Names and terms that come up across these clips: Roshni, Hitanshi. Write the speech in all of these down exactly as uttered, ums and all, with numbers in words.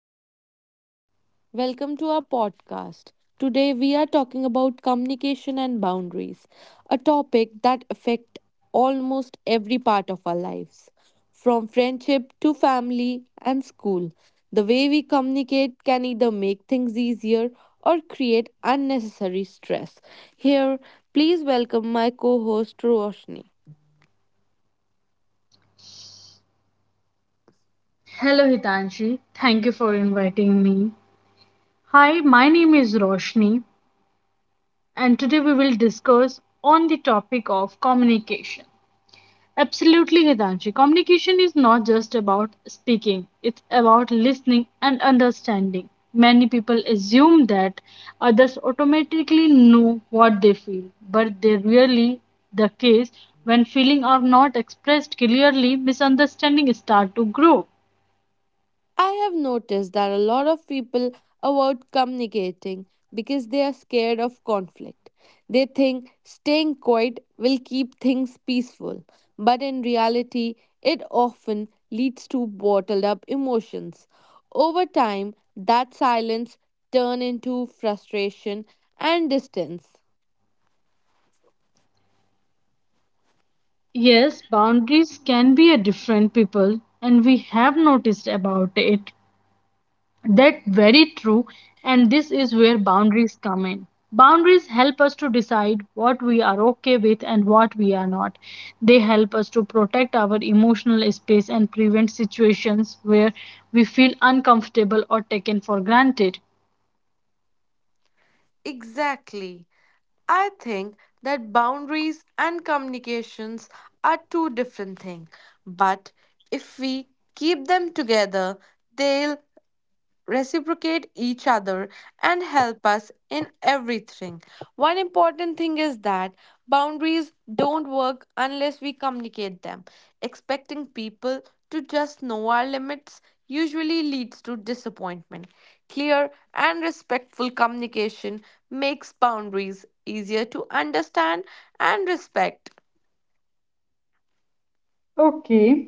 here, welcome to our podcast. Today we are talking about communication and boundaries, a topic that affect almost every part of our lives, from friendship to family and school. The way we communicate can either make things easier or create unnecessary stress. Here, please welcome my co-host Roshni. Hello, Hitanshi. Thank you for inviting me. Hi, my name is Roshni, and today we will discuss on the topic of communication. Absolutely, Hitanshi. Communication is not just about speaking, it's about listening and understanding. Many people assume that others automatically know what they feel, but they really the case when feelings are not expressed clearly, misunderstanding start to grow. I have noticed that a lot of people avoid communicating because they are scared of conflict. They think staying quiet will keep things peaceful, but in reality, it often leads to bottled up emotions. Over time, that silence turns into frustration and distance. Yes, boundaries can be a different people, and we have noticed about it. That very true, and this is where boundaries come in. Boundaries help us to decide what we are okay with and what we are not. They help us to protect our emotional space and prevent situations where we feel uncomfortable or taken for granted. Exactly. I think that boundaries and communications are two different things, but if we keep them together, they'll reciprocate each other and help us in everything. One important thing is that boundaries don't work unless we communicate them. Expecting people to just know our limits usually leads to disappointment. Clear and respectful communication makes boundaries easier to understand and respect. Okay.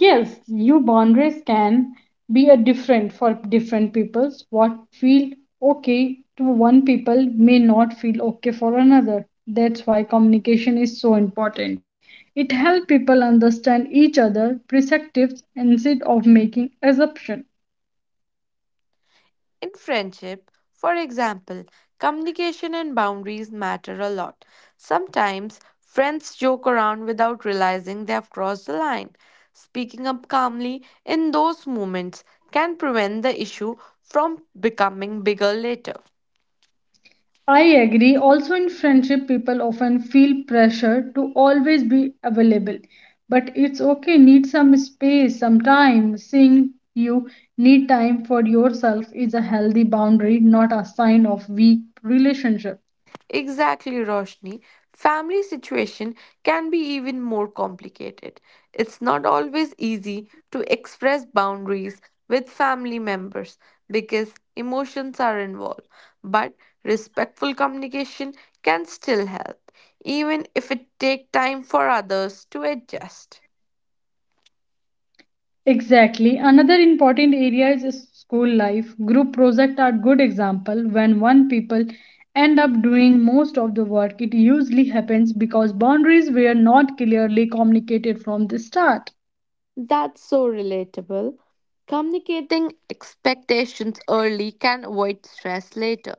Yes, new boundaries can be a different for different peoples. What feel okay to one people may not feel okay for another. That's why communication is so important. It helps people understand each other perspectives instead of making assumption. In friendship, for example, communication and boundaries matter a lot. Sometimes friends joke around without realizing they have crossed the line. Speaking up calmly in those moments can prevent the issue from becoming bigger later. I agree. Also, in friendship, people often feel pressure to always be available. But it's okay, need some space, some time. Saying you need time for yourself is a healthy boundary, not a sign of weak relationship. Exactly, Roshni. Family situation can be even more complicated. It's not always easy to express boundaries with family members because emotions are involved, but respectful communication can still help, even if it takes time for others to adjust. Exactly. Another important area is school life. Group projects are good example. When one people end up doing most of the work, it usually happens because boundaries were not clearly communicated from the start. That's so relatable. Communicating expectations early can avoid stress later.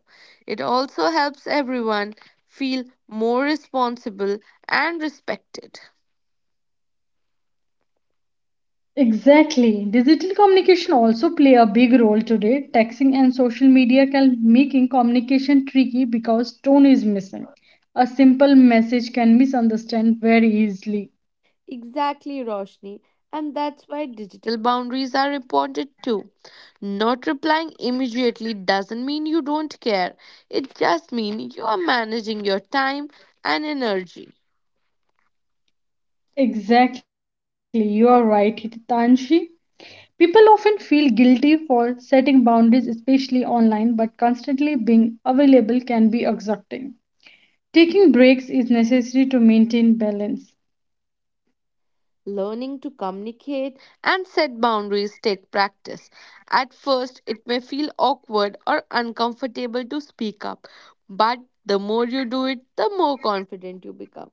It also helps everyone feel more responsible and respected. Exactly. Digital communication also play a big role today. Texting and social media can making communication tricky because tone is missing. A simple message can misunderstand very easily. Exactly, Roshni. And that's why digital boundaries are important too. Not replying immediately doesn't mean you don't care, it just means you are managing your time and energy. Exactly. You are right, Hitanshi. People often feel guilty for setting boundaries, especially online, but constantly being available can be exhausting. Taking breaks is necessary to maintain balance. Learning to communicate and set boundaries take practice. At first, it may feel awkward or uncomfortable to speak up, but the more you do it, the more confident you become.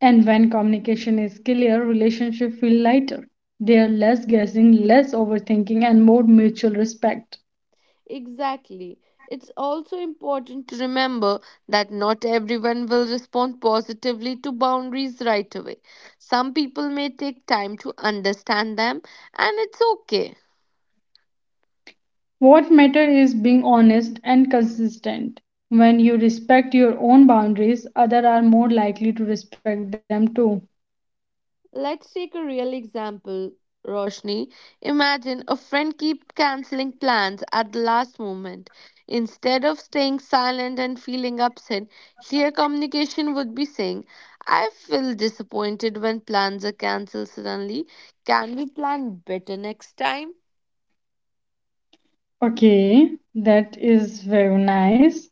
And when communication is clear, relationships feel lighter. They are less guessing, less overthinking, and more mutual respect. Exactly. It's also important to remember that not everyone will respond positively to boundaries right away. Some people may take time to understand them, and it's okay. What matters is being honest and consistent. When you respect your own boundaries, others are more likely to respect them too. Let's take a real example, Roshni. Imagine a friend keep canceling plans at the last moment. Instead of staying silent and feeling upset, clear communication would be saying, I feel disappointed when plans are cancelled suddenly. Can we plan better next time? Okay, that is very nice.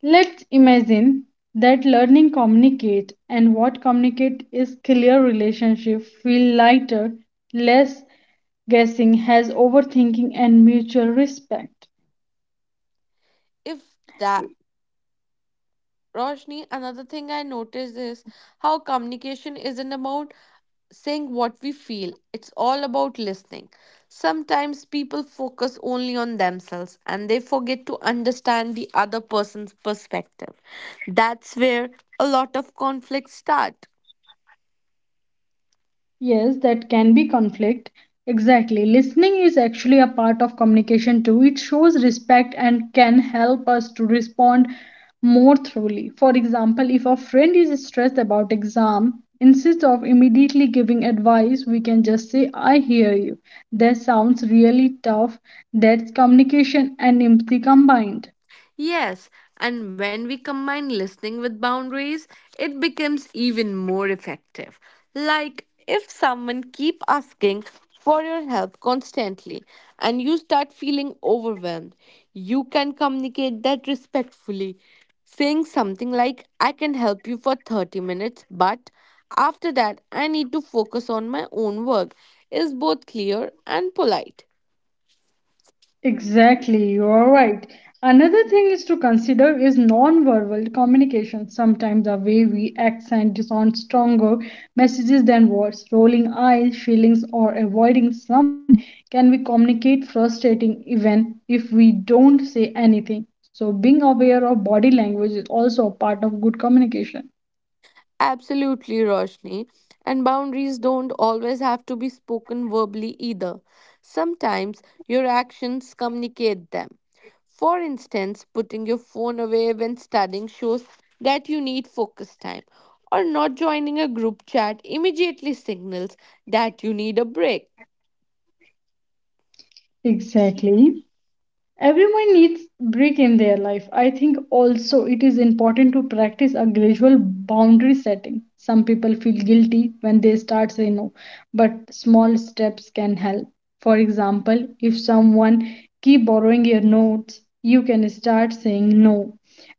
Let's imagine that learning communicate and what communicate is clear relationship feel lighter, less guessing, has overthinking and mutual respect. If that Roshni, another thing I noticed is how communication isn't about saying what we feel. It's all about listening. Sometimes people focus only on themselves and they forget to understand the other person's perspective. That's where a lot of conflicts start. Yes, that can be conflict. Exactly. Listening is actually a part of communication too. It shows respect and can help us to respond more thoroughly. For example, if a friend is stressed about exam, instead of immediately giving advice, we can just say, I hear you. That sounds really tough. That's communication and empathy combined. Yes, and when we combine listening with boundaries, it becomes even more effective. Like if someone keep asking for your help constantly and you start feeling overwhelmed, you can communicate that respectfully, saying something like I can help you for thirty minutes, but after that I need to focus on my own work is both clear and polite. Exactly, you are right. Another thing is to consider is non-verbal communication. Sometimes the way we accent is on stronger messages than words. Rolling eyes, feelings, or avoiding someone can be communicate frustrating even if we don't say anything. So being aware of body language is also a part of good communication. Absolutely, Roshni. And boundaries don't always have to be spoken verbally either. Sometimes your actions communicate them. For instance, putting your phone away when studying shows that you need focus time, or not joining a group chat immediately signals that you need a break. Exactly. Everyone needs break in their life. I think also it is important to practice a gradual boundary setting. Some people feel guilty when they start saying no, but small steps can help. For example, if someone keep borrowing your notes, you can start saying no,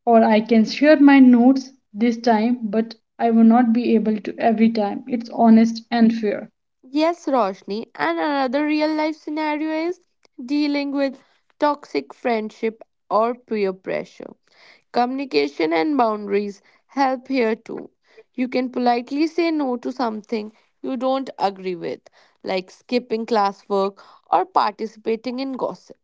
or I can share my notes this time, but I will not be able to every time. It's honest and fair. Yes, Roshni. And another real life scenario is dealing with toxic friendship or peer pressure. Communication and boundaries help here too. You can politely say no to something you don't agree with, like skipping classwork or participating in gossip.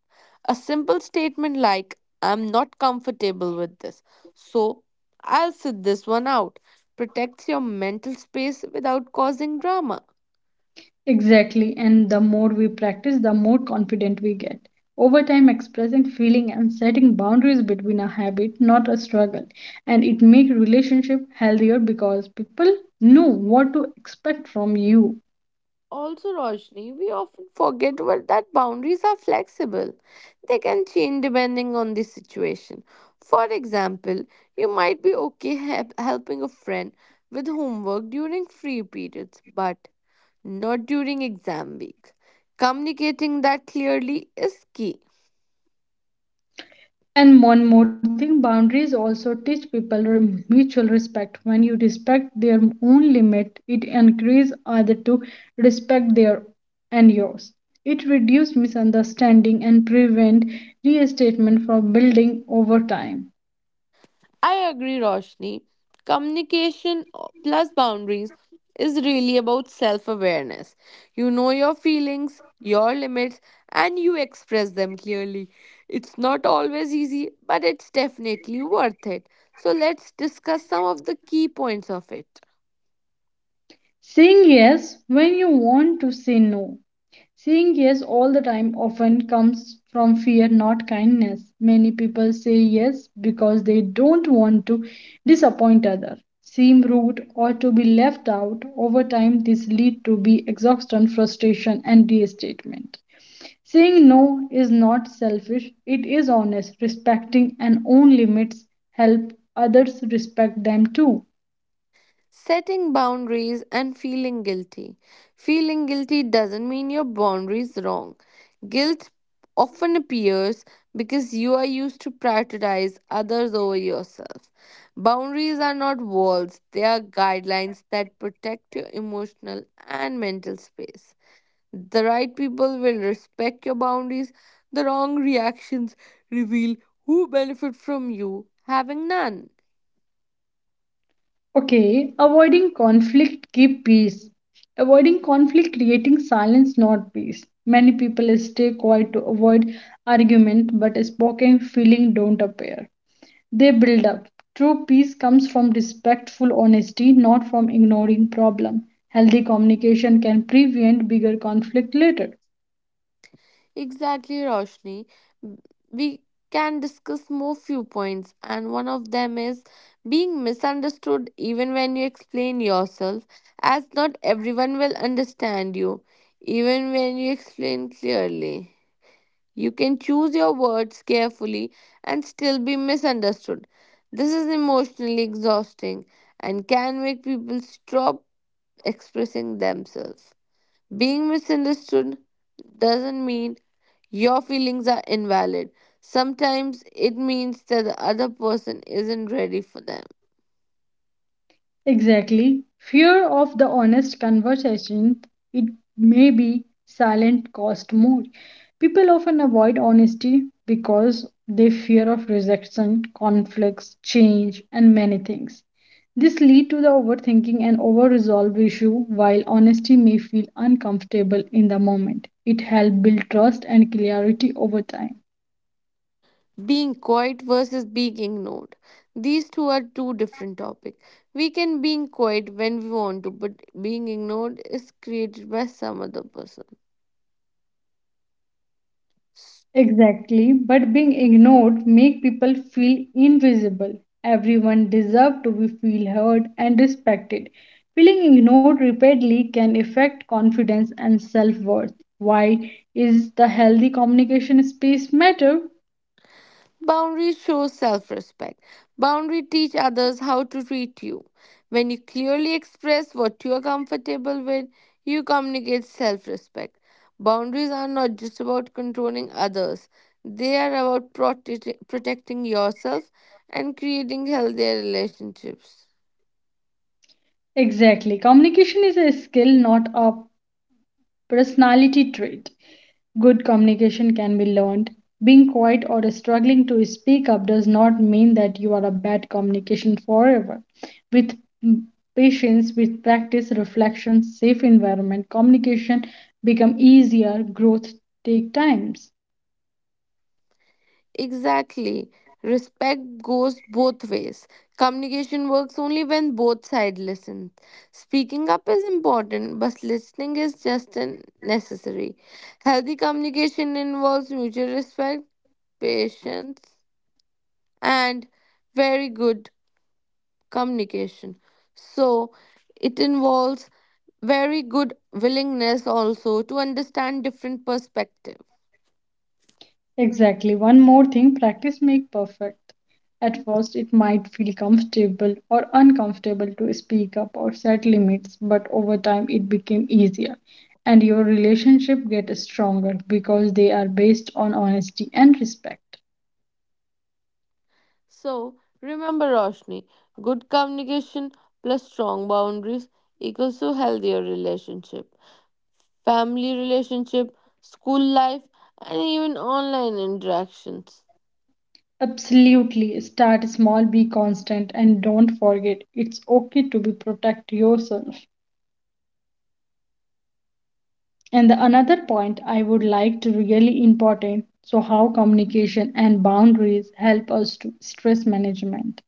A simple statement like, I'm not comfortable with this, so I'll sit this one out, protects your mental space without causing drama. Exactly, and the more we practice, the more confident we get. Over time, expressing feeling and setting boundaries between a habit, not a struggle, and it makes relationship healthier because people know what to expect from you. Also, Roshni, we often forget what- that boundaries are flexible. They can change depending on the situation. For example, you might be okay hep- helping a friend with homework during free periods, but not during exam week. Communicating that clearly is key. And one more thing, boundaries also teach people re- mutual respect. When you respect their own limit, it encourages others to respect their and yours. It reduces misunderstanding and prevent restatement from building over time. I agree, Roshni. Communication uh, plus boundaries is really about self awareness. You know your feelings, your limits, and you express them clearly. It's not always easy, but it's definitely worth it. So, let's discuss some of the key points of it. Saying yes when you want to say no. Saying yes all the time often comes from fear, not kindness. Many people say yes because they don't want to disappoint others, seem rude, or to be left out. Over time, this leads to be exhaustion, frustration, and restatement. Saying no is not selfish; it is honest. Respecting and own limits help others respect them too. Setting boundaries and feeling guilty. Feeling guilty doesn't mean your boundaries wrong. Guilt often appears because you are used to prioritize others over yourself. Boundaries are not walls, they are guidelines that protect your emotional and mental space. The right people will respect your boundaries, the wrong reactions reveal who benefit from you having none. Okay, avoiding conflict keep peace. Avoiding conflict creating silence not peace. Many people stay quiet to avoid argument but spoken feeling don't appear. They build up. True peace comes from respectful honesty not from ignoring problem. Healthy communication can prevent bigger conflict later. Exactly, Roshni. M- We can discuss more few points, and one of them is being misunderstood even when you explain yourself, as not everyone will understand you, even when you explain clearly. You can choose your words carefully and still be misunderstood. This is emotionally exhausting and can make people stop expressing themselves. Being misunderstood doesn't mean your feelings are invalid. Sometimes it means that the other person isn't ready for them. Exactly. Fear of the honest conversation, it may be silent cost more. People often avoid honesty because they fear of rejection, conflicts, change, and many things. This lead to the overthinking and over-resolve issue while honesty may feel uncomfortable in the moment. It helps build trust and clarity over time. Being quiet versus being ignored. These two are two different topics. We can being quiet when we want to, but being ignored is created by some other person. Exactly, but being ignored make people feel invisible. Everyone deserve to be feel heard and respected. Feeling ignored repeatedly can affect confidence and self-worth. Why is the healthy communication space matter? Boundaries show self respect. Boundaries teach others how to treat you. When you clearly express what you are comfortable with, you communicate self respect. Boundaries are not just about controlling others, they are about prote- protecting yourself and creating healthier relationships. Exactly. Communication is a skill, not a personality trait. Good communication can be learned. Being quiet or struggling to speak up does not mean that you are a bad communication forever. With patience, with practice, reflection, safe environment, communication become easier, growth take times. Exactly. Respect goes both ways. Communication works only when both sides listen. Speaking up is important, but listening is just an necessary. Healthy communication involves mutual respect, patience, and very good communication. So, it involves very good willingness also to understand different perspectives. Exactly. One more thing, practice make perfect. At first, it might feel comfortable or uncomfortable to speak up or set limits, but over time it became easier and your relationship get stronger because they are based on honesty and respect. So remember, Roshni, good communication plus strong boundaries equals to healthier relationship, family relationship, school life, and even online interactions. Absolutely. Start small, be constant and don't forget it's okay to be protect yourself. And the another point I would like to really important so how communication and boundaries help us to stress management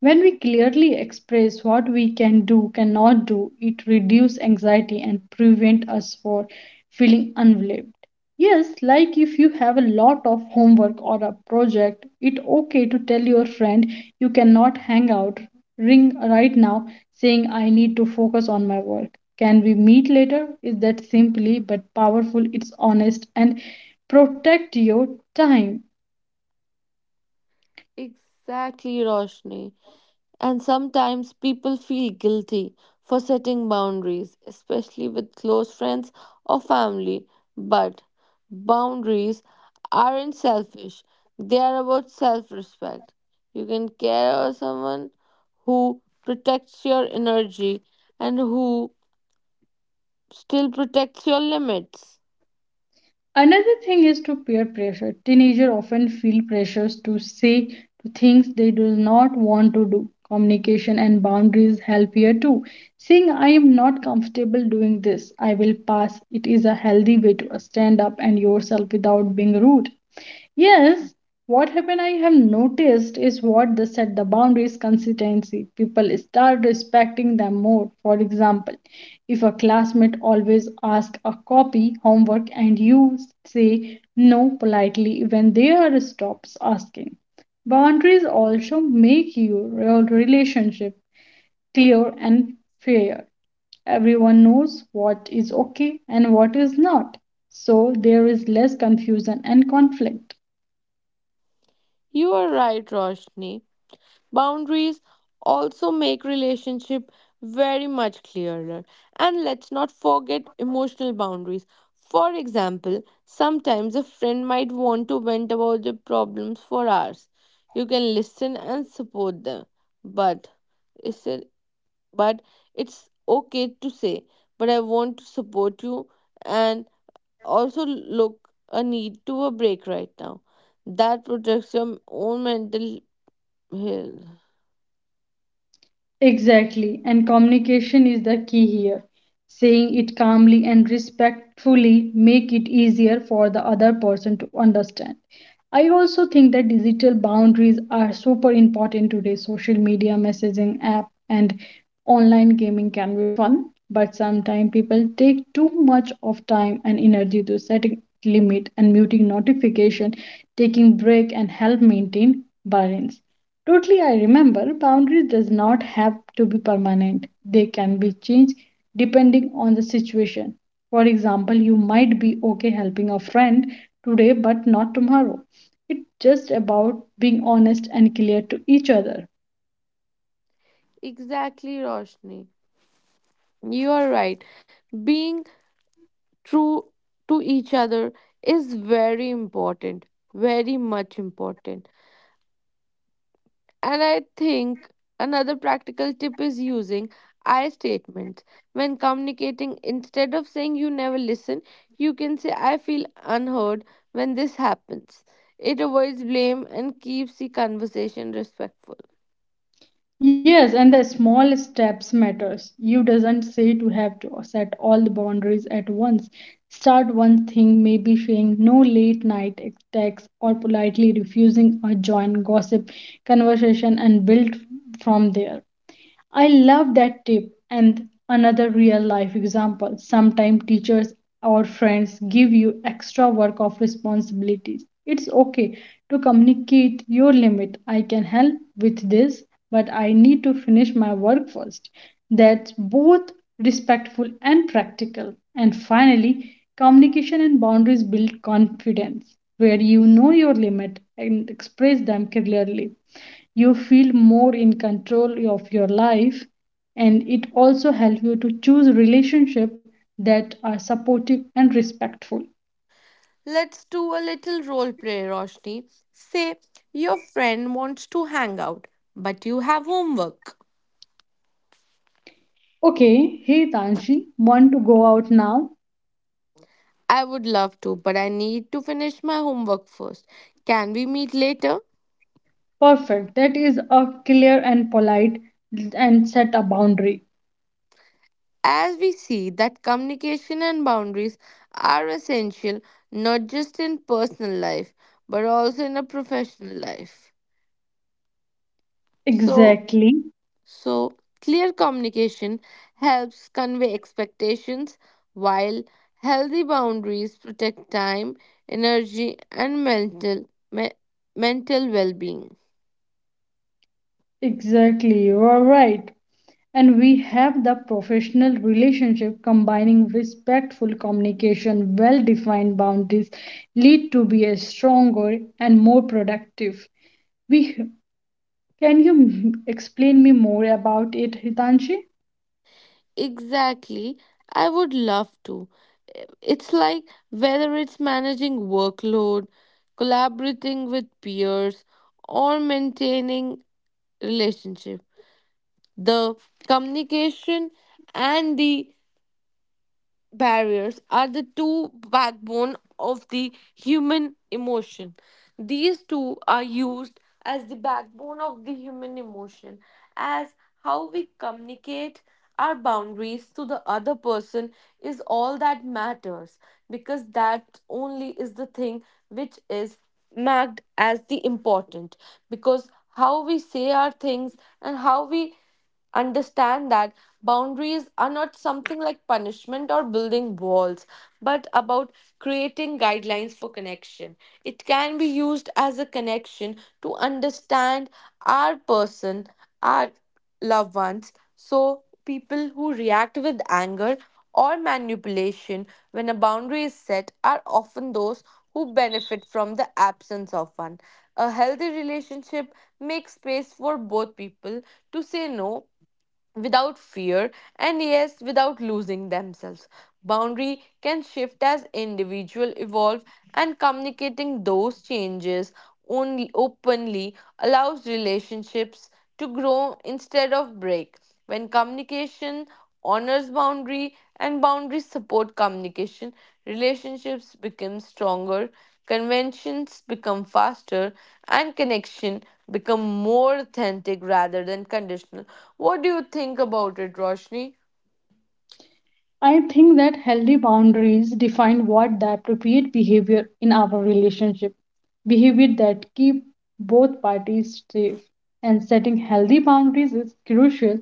when we clearly express what we can do, cannot do, it reduces anxiety and prevent us from feeling unbelieved. Yes, like if you have a lot of homework or a project, it okay to tell your friend you cannot hang out ring right now saying I need to focus on my work. Can we meet later? Is that simply but powerful, it's honest and protect your time. Exactly, Roshni. And sometimes people feel guilty for setting boundaries, especially with close friends or family. But boundaries aren't selfish, they are about self respect. You can care about someone who protects your energy and who still protects your limits. Another thing is to peer pressure. Teenagers often feel pressures to say to things they do not want to do. Communication and boundaries help here too. Saying I am not comfortable doing this, I will pass. It is a healthy way to stand up and yourself without being rude. Yes, what happened I have noticed is what they set the boundaries consistency. People start respecting them more. For example, if a classmate always asks a copy homework and you say no politely when they are stops asking. Boundaries also make your relationship clear and fair. Everyone knows what is okay and what is not. So there is less confusion and conflict. You are right, Roshni. Boundaries also make relationship very much clearer. And let's not forget emotional boundaries. For example, sometimes a friend might want to vent about their problems for hours. You can listen and support them, but it's but it's okay to say, but I want to support you and also look a need to a break right now. That protects your own mental health. Exactly, and communication is the key here. Saying it calmly and respectfully make it easier for the other person to understand. I also think that digital boundaries are super important today. Social media messaging app and online gaming can be fun, but sometimes people take too much of time and energy to setting limit and muting notification, taking break and help maintain balance. Totally, I remember boundaries does not have to be permanent. They can be changed depending on the situation. For example, you might be okay helping a friend today but not tomorrow. It's just about being honest and clear to each other. Exactly, Roshni. You are right. Being true to each other is very important, very much important. And I think another practical tip is using I statements. When communicating, instead of saying you never listen, you can say I feel unheard when this happens. It avoids blame and keeps the conversation respectful. Yes, and the small steps matters. You doesn't say to have to set all the boundaries at once. Start one thing, maybe saying no late night texts or politely refusing a joint gossip conversation and build from there. I love that tip and another real life example. Sometimes teachers or friends give you extra work of responsibilities. It's okay to communicate your limit. I can help with this, but I need to finish my work first. That's both respectful and practical. And finally, communication and boundaries build confidence where you know your limit and express them clearly you feel more in control of your life and it also helps you to choose relationships that are supportive and respectful. Let's do a little role play, Roshni. Say your friend wants to hang out, but you have homework. Okay. Hey, Tanshi, want to go out now? I would love to, but I need to finish my homework first. Can we meet later? Perfect, that is a clear and polite and set a boundary. As we see that communication and boundaries are essential not just in personal life but also in a professional life. So, Exactly. So, clear communication helps convey expectations, while healthy boundaries protect time, energy, and mental me- mental well-being. Exactly, you are right. And we have the professional relationship combining respectful communication, well defined boundaries lead to be a stronger and more productive. We can you explain me more about it, Hitanshi? Exactly, I would love to. It's like whether it's managing workload, collaborating with peers, or maintaining relationship. The communication and the barriers are the two backbone of the human emotion. These two are used as the backbone of the human emotion, as how we communicate our boundaries to the other person is all that matters because that only is the thing which is marked as the important because how we say our things and how we understand that boundaries are not something like punishment or building walls, but about creating guidelines for connection. It can be used as a connection to understand our person, our loved ones. So, people who react with anger or manipulation when a boundary is set are often those who benefit from the absence of one. A healthy relationship makes space for both people to say no without fear and yes without losing themselves. Boundary can shift as individual evolve and communicating those changes only openly allows relationships to grow instead of break. When communication honors boundary and boundaries support communication relationships become stronger conventions become faster and connection become more authentic rather than conditional what do you think about it roshni I think that healthy boundaries define what the appropriate behavior in our relationship, behavior that keep both parties safe. And setting healthy boundaries is crucial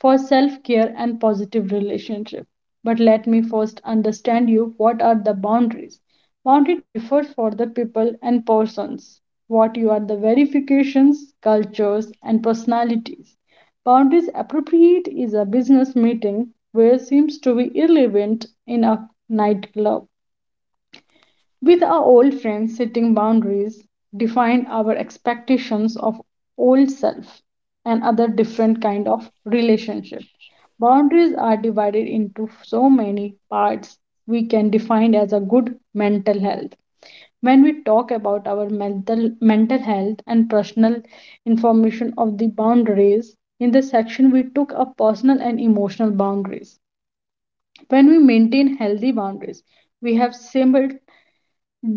for self-care and positive relationship. But let me first understand you what are the boundaries. Boundary differs for the people and persons. What you are the verifications, cultures and personalities. Boundaries appropriate is a business meeting where seems to be irrelevant in a nightclub. With our old friends, setting boundaries defined our expectations of old self and other different kind of relationship. Boundaries are divided into so many parts we can define as a good mental health. When we talk about our mental mental health and personal information of the boundaries, in the section we took up personal and emotional boundaries. When we maintain healthy boundaries, we have similar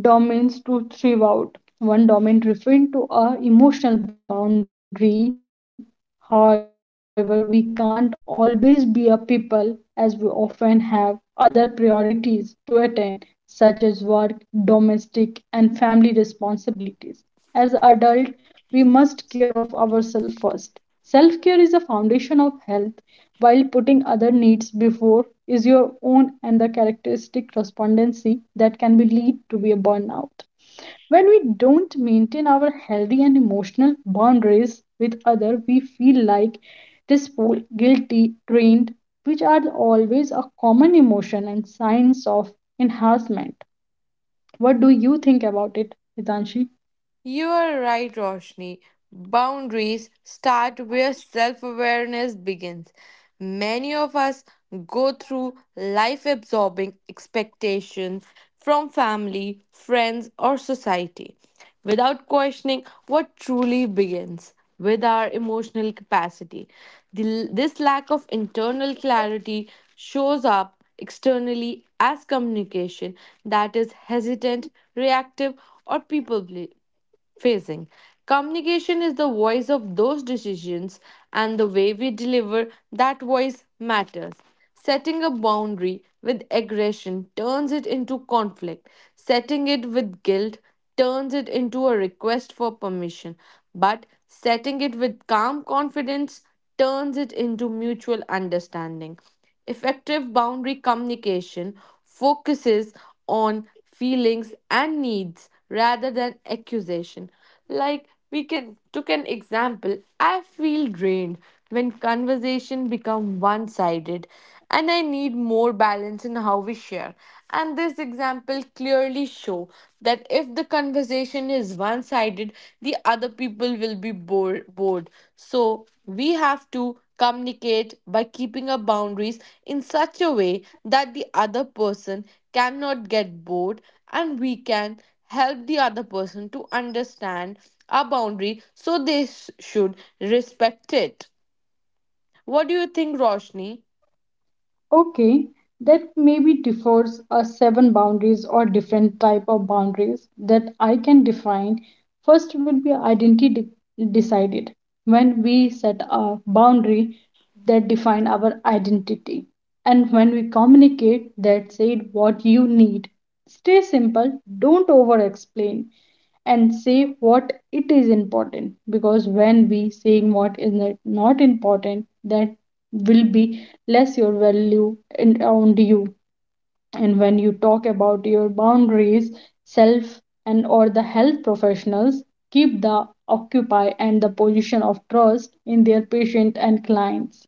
domains to thrive. Out. One domain referring to our emotional boundary. However, we can't always be a people as we often have other priorities to attend, such as work, domestic, and family responsibilities. As adults, we must care of ourselves first. Self care is a foundation of health, while putting other needs before is your own and the characteristic respondency that can be lead to be a burnout. When we don't maintain our healthy and emotional boundaries with others, we feel like despo guilty, drained, which are always a common emotion and signs of enhancement. What do you think about it, Hitanshi? You are right, Roshni. Boundaries start where self awareness begins. Many of us go through life absorbing expectations from family, friends, or society without questioning what truly begins with our emotional capacity. The- this lack of internal clarity shows up externally as communication that is hesitant, reactive, or people ple- facing. Communication is the voice of those decisions, and the way we deliver that voice matters. Setting a boundary with aggression turns it into conflict, setting it with guilt turns it into a request for permission, but setting it with calm confidence turns it into mutual understanding. Effective boundary communication focuses on feelings and needs rather than accusation. Like we can took an example, I feel drained when conversation become one-sided and I need more balance in how we share. And this example clearly show that if the conversation is one-sided, the other people will be bored bored. So we have to communicate by keeping up boundaries in such a way that the other person cannot get bored and we can help the other person to understand our boundary so they s- should respect it. What do you think, Roshni? Okay, that maybe differs a seven boundaries or different type of boundaries that I can define. First will be identity de- decided when we set a boundary that define our identity and when we communicate that said what you need. Stay simple, don't over explain and say what it is important because when we saying what is not not important that will be less your value and around you, and when you talk about your boundaries self and or the health professionals keep the occupy and the position of trust in their patient and clients.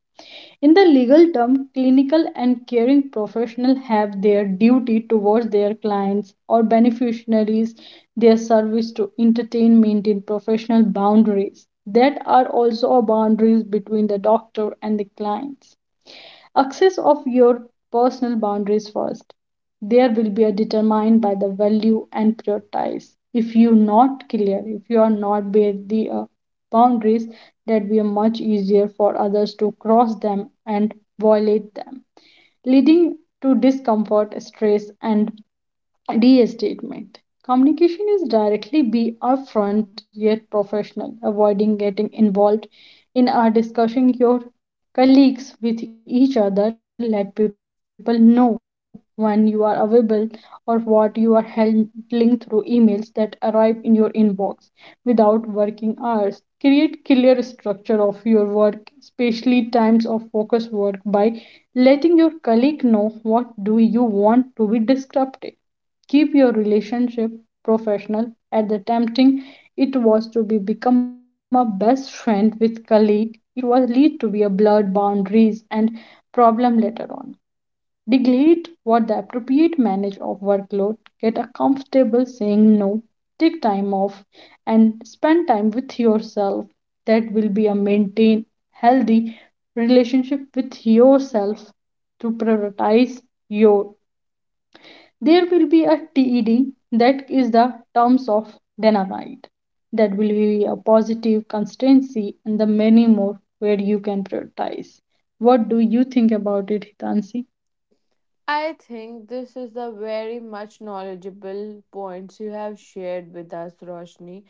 In the legal term, clinical and caring professionals have their duty towards their clients or beneficiaries, their service to entertain, maintain professional boundaries. That are also boundaries between the doctor and the clients. Access of your personal boundaries first. There will be a determined by the value and prioritize. If you're not clear, if you are not where the uh, boundaries, that will be much easier for others to cross them and violate them, leading to discomfort, stress, and D statement. Communication is directly be upfront yet professional, avoiding getting involved in our discussing your colleagues with each other. Let people know when you are available or what you are handling through emails that arrive in your inbox without working hours. Create clear structure of your work, especially times of focus work by letting your colleague know what do you want to be disrupted, keep your relationship professional at the tempting it was to be become a best friend with colleague it was lead to be a blurred boundaries and problem later on, delegate what the appropriate manage of workload, get a comfortable saying no, take time off and spend time with yourself. That will be a maintain healthy relationship with yourself to prioritize your there will be a TED that is the terms of dynamite. That will be a positive constancy and the many more where you can prioritize. What do you think about it, Hitansi? I think this is the very much knowledgeable points you have shared with us, Roshni,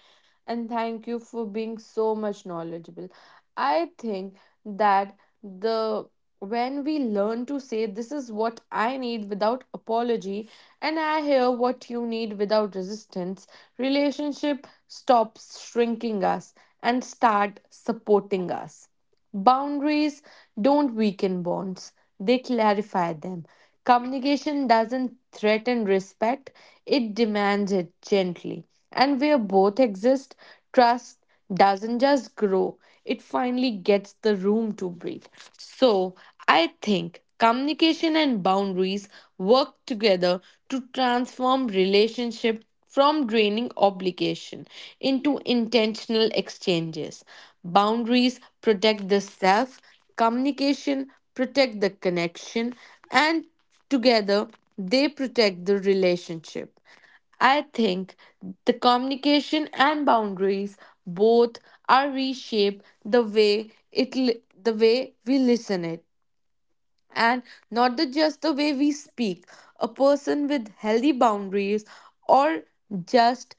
and thank you for being so much knowledgeable. I think that the when we learn to say this is what I need without apology and I hear what you need without resistance, relationship stops shrinking us and start supporting us. Boundaries don't weaken bonds, they clarify them. Communication doesn't threaten respect, it demands it gently. And where both exist, trust doesn't just grow, it finally gets the room to breathe. So, I think communication and boundaries work together to transform relationship from draining obligation into intentional exchanges. Boundaries protect the self, communication protect the connection, and together they protect the relationship. I think the communication and boundaries both are reshape the way it li- the way we listen it and not the, just the way we speak. A person with healthy boundaries or just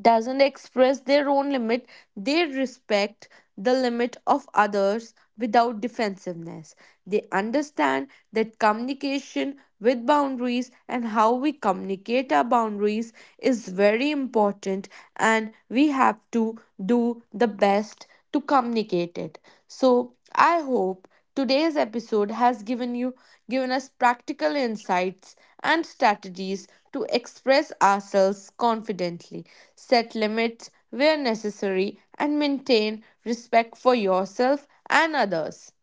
doesn't express their own limit, they respect the limit of others without defensiveness. They understand that communication with boundaries and how we communicate our boundaries is very important, and we have to do the best to communicate it. So, I hope today's episode has given you given us practical insights and strategies to express ourselves confidently, set limits where necessary and maintain respect for yourself and others.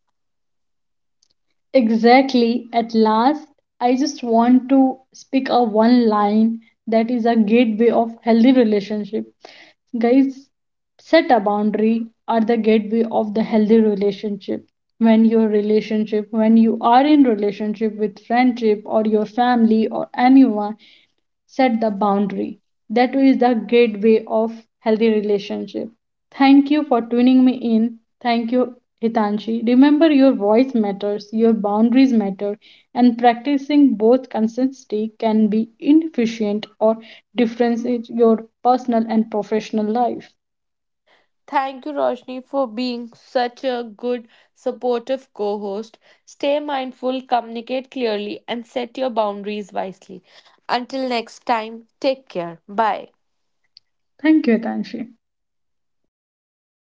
Exactly. At last, I just want to speak a one line that is a gateway of healthy relationship. Guys, set a boundary are the gateway of the healthy relationship. When your relationship, when you are in relationship with friendship or your family or anyone, set the boundary. That is the gateway of healthy relationship. Thank you for tuning me in. Thank you, Hitanshi. Remember, your voice matters, your boundaries matter, and practicing both consistency can be inefficient or differentiate your personal and professional life. Thank you Roshni for being such a good supportive co-host. Stay mindful, communicate clearly and set your boundaries wisely. Until next time, take care. Bye. Thank you, Hitanshi.